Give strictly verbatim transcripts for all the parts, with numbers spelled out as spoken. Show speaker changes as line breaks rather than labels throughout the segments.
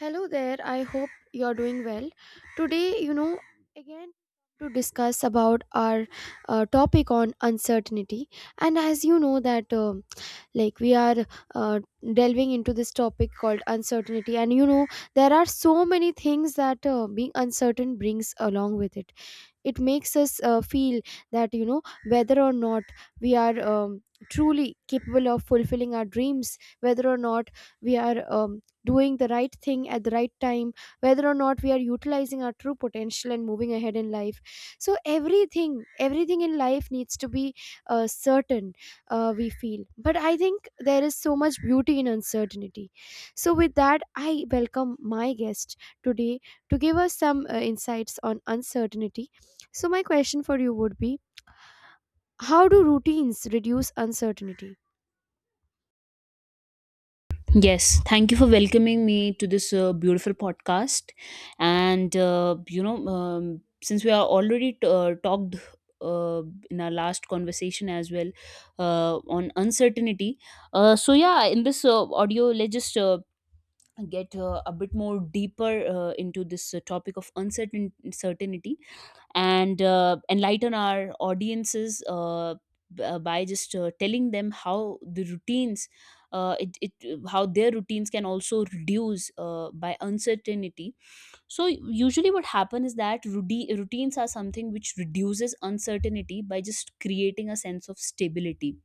Hello there. I hope you're doing well. Today, you know, again to discuss about our uh, topic on uncertainty, and as you know that um like we are uh, delving into this topic called uncertainty and you know There are so many things that uh, being uncertain brings along with it. It makes us uh, feel that, you know whether or not we are um, truly capable of fulfilling our dreams, whether or not we are um, doing the right thing at the right time, whether or not we are utilizing our true potential and moving ahead in life. So everything everything in life needs to be uh, certain, uh, we feel, but I think there is so much beauty in uncertainty. So with that, I welcome my guest today to give us some uh, insights on uncertainty. So, my question for you would be, how do routines reduce uncertainty?
Yes, thank you for welcoming me to this uh, beautiful podcast. And uh, you know, um, since we are already uh, talked uh, in our last conversation as well uh, on uncertainty, uh, so yeah, in this uh, audio, let's just uh, get uh, a bit more deeper uh, into this uh, topic of uncertain- uncertainty and uh, enlighten our audiences uh, b- uh, by just uh, telling them how the routines uh, it, it how their routines can also reduce uh, by uncertainty. So usually what happens is that routine, routines are something which reduces uncertainty by just creating a sense of stability,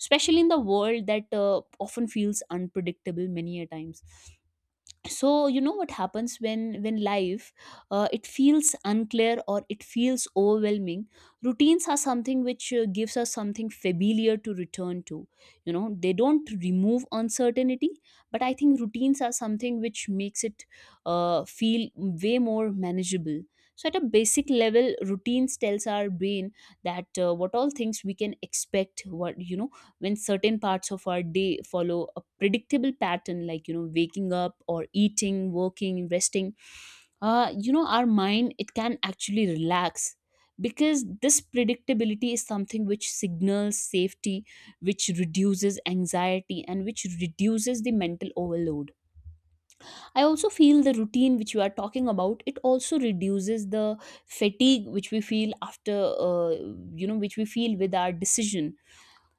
especially in the world that uh, often feels unpredictable many a times. So you know what happens when when life uh, it feels unclear or it feels overwhelming, routines are something which uh, gives us something familiar to return to. You know, they don't remove uncertainty, but I think routines are something which makes it uh, feel way more manageable. So at a basic level, routines tells our brain that uh, what all things we can expect, what you know, when certain parts of our day follow a predictable pattern, like you know, waking up or eating, working, resting, uh, you know, our mind, it can actually relax because this predictability is something which signals safety, which reduces anxiety and which reduces the mental overload. I also feel the routine which you are talking about, it also reduces the fatigue which we feel after, uh, you know, which we feel with our decision.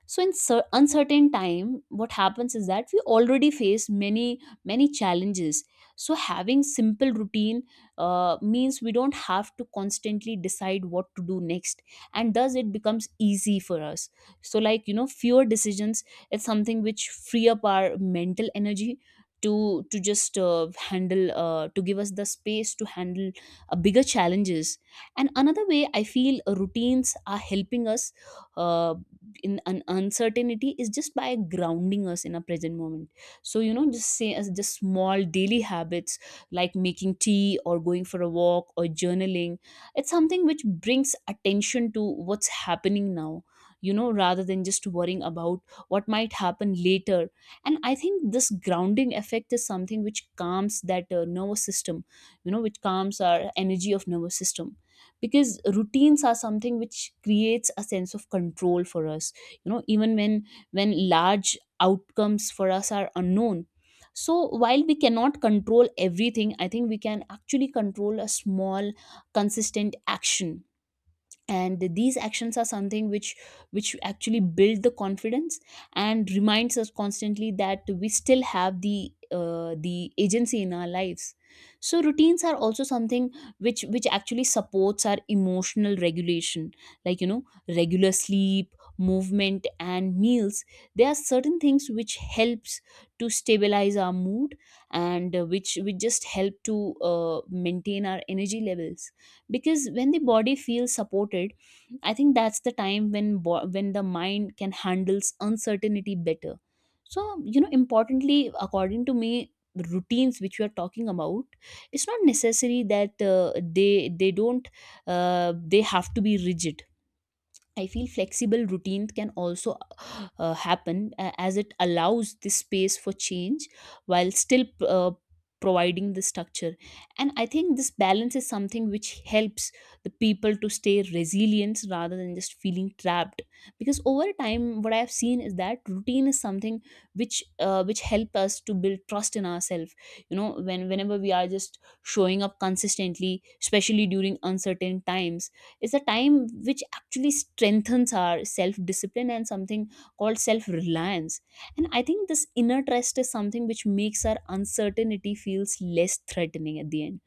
So in cer- uncertain time, what happens is that we already face many many challenges. So having simple routine uh, means we don't have to constantly decide what to do next, and thus it becomes easy for us. So like you know, fewer decisions, it's something which free up our mental energy to to just uh, handle uh, to give us the space to handle uh, bigger challenges. And another way I feel uh, routines are helping us uh, in an uncertainty is just by grounding us in a present moment. So you know, just say as just small daily habits like making tea or going for a walk or journaling, it's something which brings attention to what's happening now, you know, rather than just worrying about what might happen later. And I think this grounding effect is something which calms that uh, nervous system, you know, which calms our energy of nervous system, because routines are something which creates a sense of control for us, you know, even when when large outcomes for us are unknown. So while we cannot control everything, I think we can actually control a small consistent action, and these actions are something which which actually build the confidence and reminds us constantly that we still have the uh, the agency in our lives. So routines are also something which which actually supports our emotional regulation, like you know, regular sleep, movement and meals, there are certain things which helps to stabilize our mood and uh, which which just help to uh, maintain our energy levels, because when the body feels supported, I think that's the time when bo- when the mind can handles uncertainty better. So you know, importantly, according to me, routines which we are talking about, it's not necessary that uh, they they don't uh, they have to be rigid. I feel flexible routines can also uh, happen uh, as it allows this space for change while still uh, providing the structure. And I think this balance is something which helps the people to stay resilient rather than just feeling trapped. Because over time, what I have seen is that routine is something which uh, which help us to build trust in ourselves. You know, when whenever we are just showing up consistently, especially during uncertain times, it's a time which actually strengthens our self discipline and something called self reliance. And I think this inner trust is something which makes our uncertainty feels less threatening at the end.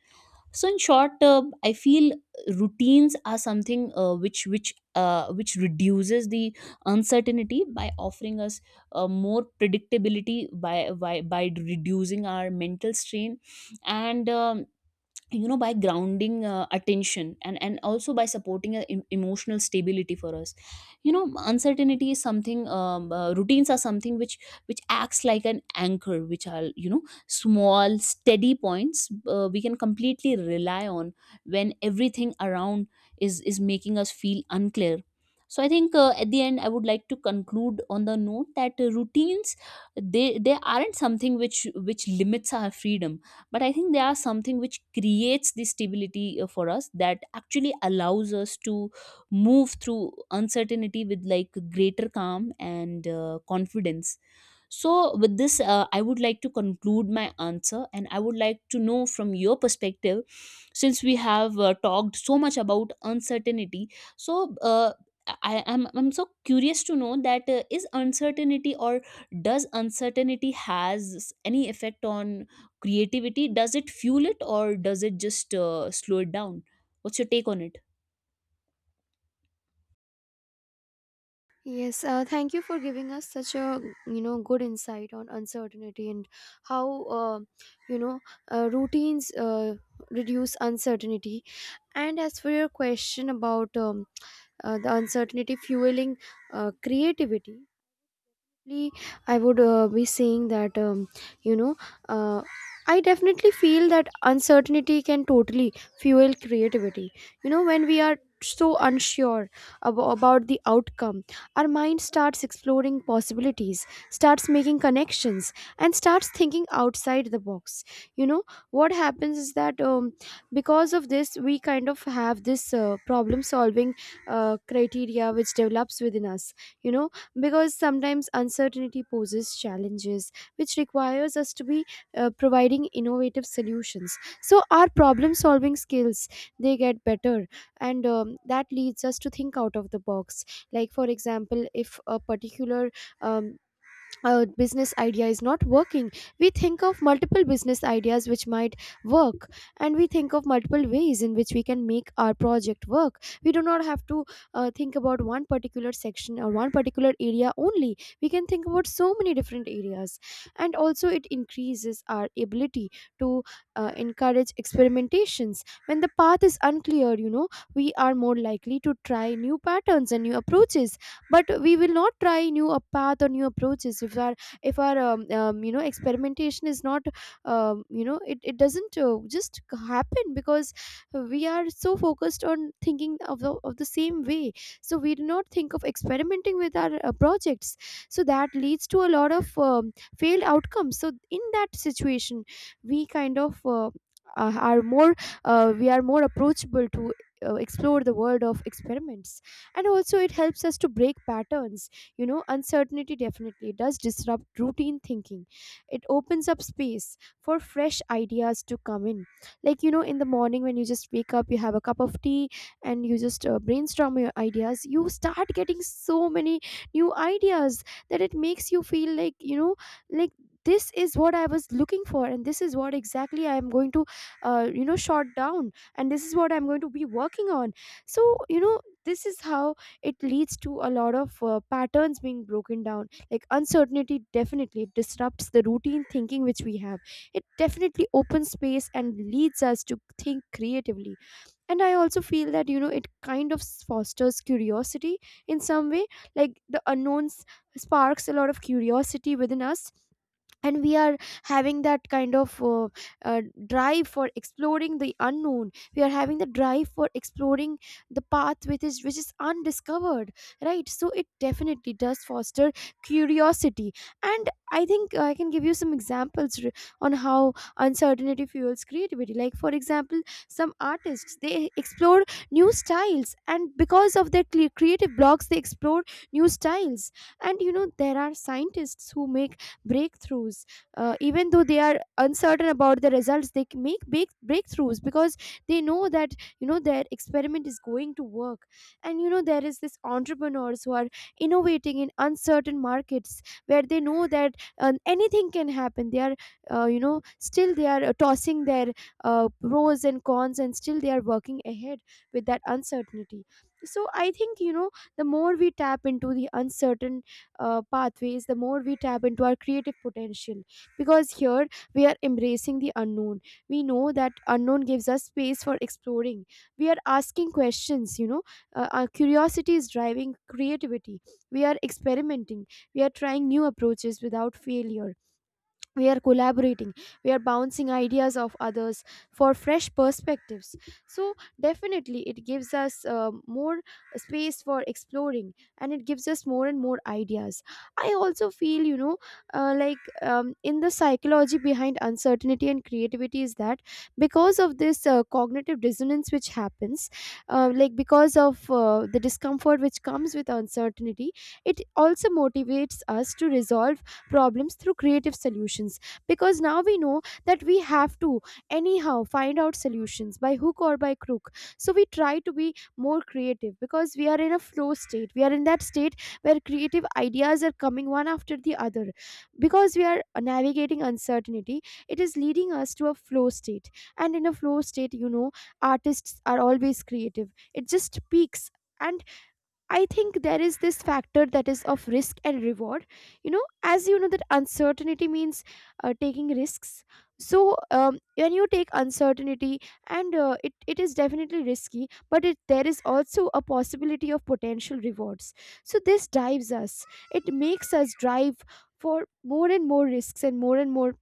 So in short, uh, I feel routines are something uh, which which uh, which reduces the uncertainty by offering us uh, more predictability by, by by reducing our mental strain and um, you know, by grounding uh, attention, and and also by supporting a em- emotional stability for us. You know, uncertainty is something um, uh, routines are something which which acts like an anchor, which are you know, small steady points uh, we can completely rely on when everything around is is making us feel unclear. So I think, uh, at the end, I would like to conclude on the note that uh, routines, they they aren't something which which limits our freedom, but I think there are something which creates the stability uh, for us that actually allows us to move through uncertainty with like greater calm and uh, confidence. So, with this, uh, I would like to conclude my answer, and I would like to know from your perspective, since we have uh, talked so much about uncertainty. So, uh, I am I'm, I'm so curious to know that uh, is uncertainty or does uncertainty has any effect on creativity? Does it fuel it or does it just uh, slow it down? What's your take on it?
Yes, uh, thank you for giving us such a, you know good insight on uncertainty and how, uh, you know uh, routines uh, reduce uncertainty. And as for your question about um, uh, the uncertainty fueling uh, creativity, definitely I would uh, be saying that, um, you know uh, I definitely feel that uncertainty can totally fuel creativity. You know, when we are so unsure ab- about the outcome, our mind starts exploring possibilities, starts making connections, and starts thinking outside the box. You know, what happens is that, um, because of this, we kind of have this uh, problem solving uh, criteria which develops within us. You know, because sometimes uncertainty poses challenges which requires us to be uh, providing innovative solutions, so our problem solving skills, they get better. And um, that leads us to think out of the box. Like for example, if a particular um, a business idea is not working, we think of multiple business ideas which might work, and we think of multiple ways in which we can make our project work. We do not have to uh, think about one particular section or one particular area only. We can think about so many different areas. And also, it increases our ability to uh, encourage experimentations. When the path is unclear, you know, we are more likely to try new patterns and new approaches. But we will not try new a path or new approaches if our, if our um, um, you know, experimentation is not, um, you know, it, it doesn't uh, just happen, because we are so focused on thinking of the, of the same way. So we do not think of experimenting with our uh, projects. So that leads to a lot of um, failed outcomes. So in that situation, we kind of, uh, are more uh, we are more approachable to uh, explore the world of experiments. And also, it helps us to break patterns. You know, uncertainty definitely does disrupt routine thinking. It opens up space for fresh ideas to come in. Like, you know, in the morning when you just wake up, you have a cup of tea and you just uh, brainstorm your ideas, you start getting so many new ideas, that it makes you feel like, you know, like, this is what I was looking for, and this is what exactly I am going to, uh, you know short down, and this is what I'm going to be working on. So, you know, this is how it leads to a lot of uh, patterns being broken down. Like, uncertainty definitely disrupts the routine thinking which we have. It definitely opens space and leads us to think creatively. And I also feel that, you know, it kind of s- fosters curiosity in some way. Like, the unknowns sparks a lot of curiosity within us, and we are having that kind of uh, uh, drive for exploring the unknown. We are having the drive for exploring the path which is which is undiscovered, right? So it definitely does foster curiosity. And I think I can give you some examples r- on how uncertainty fuels creativity. Like for example, some artists, they explore new styles, and because of their cre- creative blocks, they explore new styles. And you know, there are scientists who make breakthroughs, uh, even though they are uncertain about the results, they c- make big breakthroughs because they know that, you know, their experiment is going to work. And you know, there is this entrepreneurs who are innovating in uncertain markets, where they know that uh, anything can happen. They are, uh, you know still they are uh, tossing their uh, pros and cons, and still they are working ahead with that uncertainty. So I think, you know, the more we tap into the uncertain uh, pathways, the more we tap into our creative potential. Because here we are embracing the unknown. We know that unknown gives us space for exploring. We are asking questions, you know, uh, our curiosity is driving creativity. We are experimenting. We are trying new approaches without failure. We are collaborating. We are bouncing ideas of others for fresh perspectives. So definitely, it gives us uh, more space for exploring, and it gives us more and more ideas. I also feel, you know uh, like, um, in the psychology behind uncertainty and creativity is that, because of this uh, cognitive dissonance which happens, uh, like because of uh, the discomfort which comes with uncertainty, it also motivates us to resolve problems through creative solutions. Because now we know that we have to anyhow find out solutions by hook or by crook. So we try to be more creative, because we are in a flow state. We are in that state where creative ideas are coming one after the other, because we are navigating uncertainty. It is leading us to a flow state. And in a flow state, you know, artists are always creative. It just peaks. And I think there is this factor, that is of risk and reward. You know, as you know, that uncertainty means uh, taking risks. So um, when you take uncertainty, and uh, it, it is definitely risky, but it, there is also a possibility of potential rewards. So this drives us. It makes us drive for more and more risks and more and more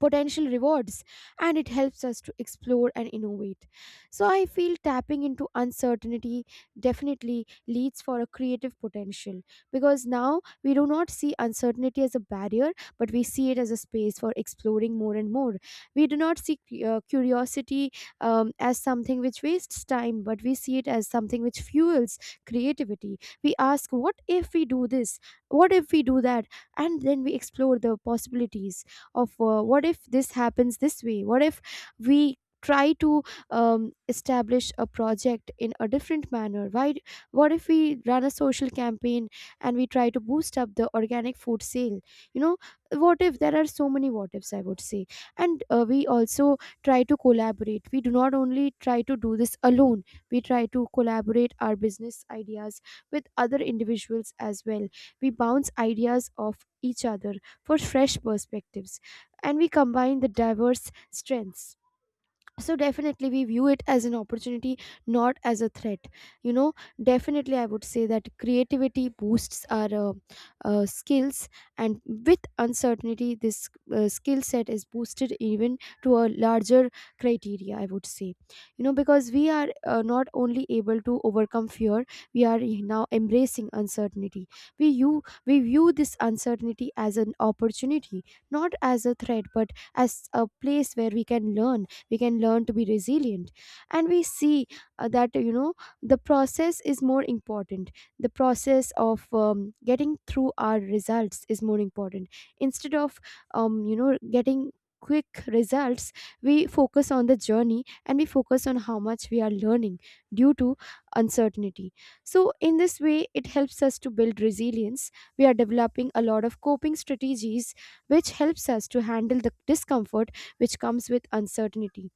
potential rewards, and it helps us to explore and innovate. So I feel tapping into uncertainty definitely leads for a creative potential. Because now we do not see uncertainty as a barrier, but we see it as a space for exploring more and more. We do not see uh, curiosity, um, as something which wastes time, but we see it as something which fuels creativity. We ask, what if we do this, what if we do that, and then we explore the possibilities of, uh, what if this happens this way, what if we try to um, establish a project in a different manner. Why, what if we run a social campaign and we try to boost up the organic food sale. You know, what if? There are so many what ifs, I would say. And uh, we also try to collaborate. We do not only try to do this alone. We try to collaborate our business ideas with other individuals as well. We bounce ideas off each other for fresh perspectives, and we combine the diverse strengths. So definitely, we view it as an opportunity, not as a threat. You know, definitely I would say that creativity boosts our uh, uh, skills. And with uncertainty, this uh, skill set is boosted even to a larger criteria, I would say. You know, because we are uh, not only able to overcome fear, we are now embracing uncertainty. We you we view this uncertainty as an opportunity, not as a threat, but as a place where we can learn. We can learn to be resilient. And we see uh, that, you know, the process is more important. The process of um, getting through our results is more important, instead of, um, you know getting quick results. We focus on the journey, and we focus on how much we are learning due to uncertainty. So in this way, it helps us to build resilience. We are developing a lot of coping strategies which helps us to handle the discomfort which comes with uncertainty.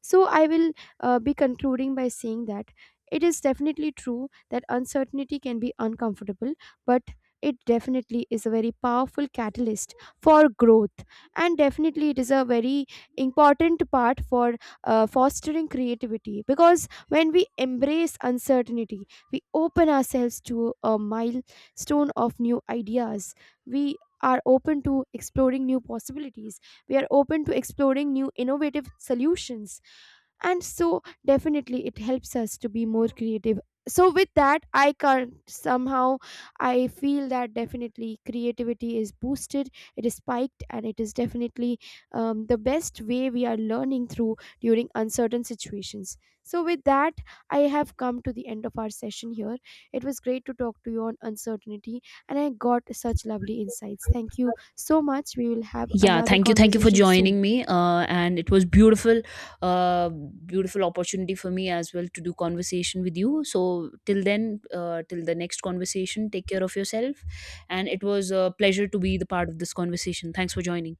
So I will uh, be concluding by saying that it is definitely true that uncertainty can be uncomfortable, but it definitely is a very powerful catalyst for growth. And definitely it is a very important part for uh, fostering creativity. Because when we embrace uncertainty, we open ourselves to a milestone of new ideas. We are open to exploring new possibilities. We are open to exploring new innovative solutions. And so definitely, it helps us to be more creative. So with that, I can't somehow, I feel that definitely creativity is boosted. It is spiked, and it is definitely, um, the best way we are learning through during uncertain situations. So with that, I have come to the end of our session here. It was great to talk to you on uncertainty, and I got such lovely insights. Thank you so much. We will have
Yeah,
another
thank you. Thank you for
conversation soon.
joining me. Uh, and it was beautiful, uh, beautiful opportunity for me as well to do conversation with you. So till then, uh, till the next conversation, take care of yourself. And it was a pleasure to be the part of this conversation. Thanks for joining.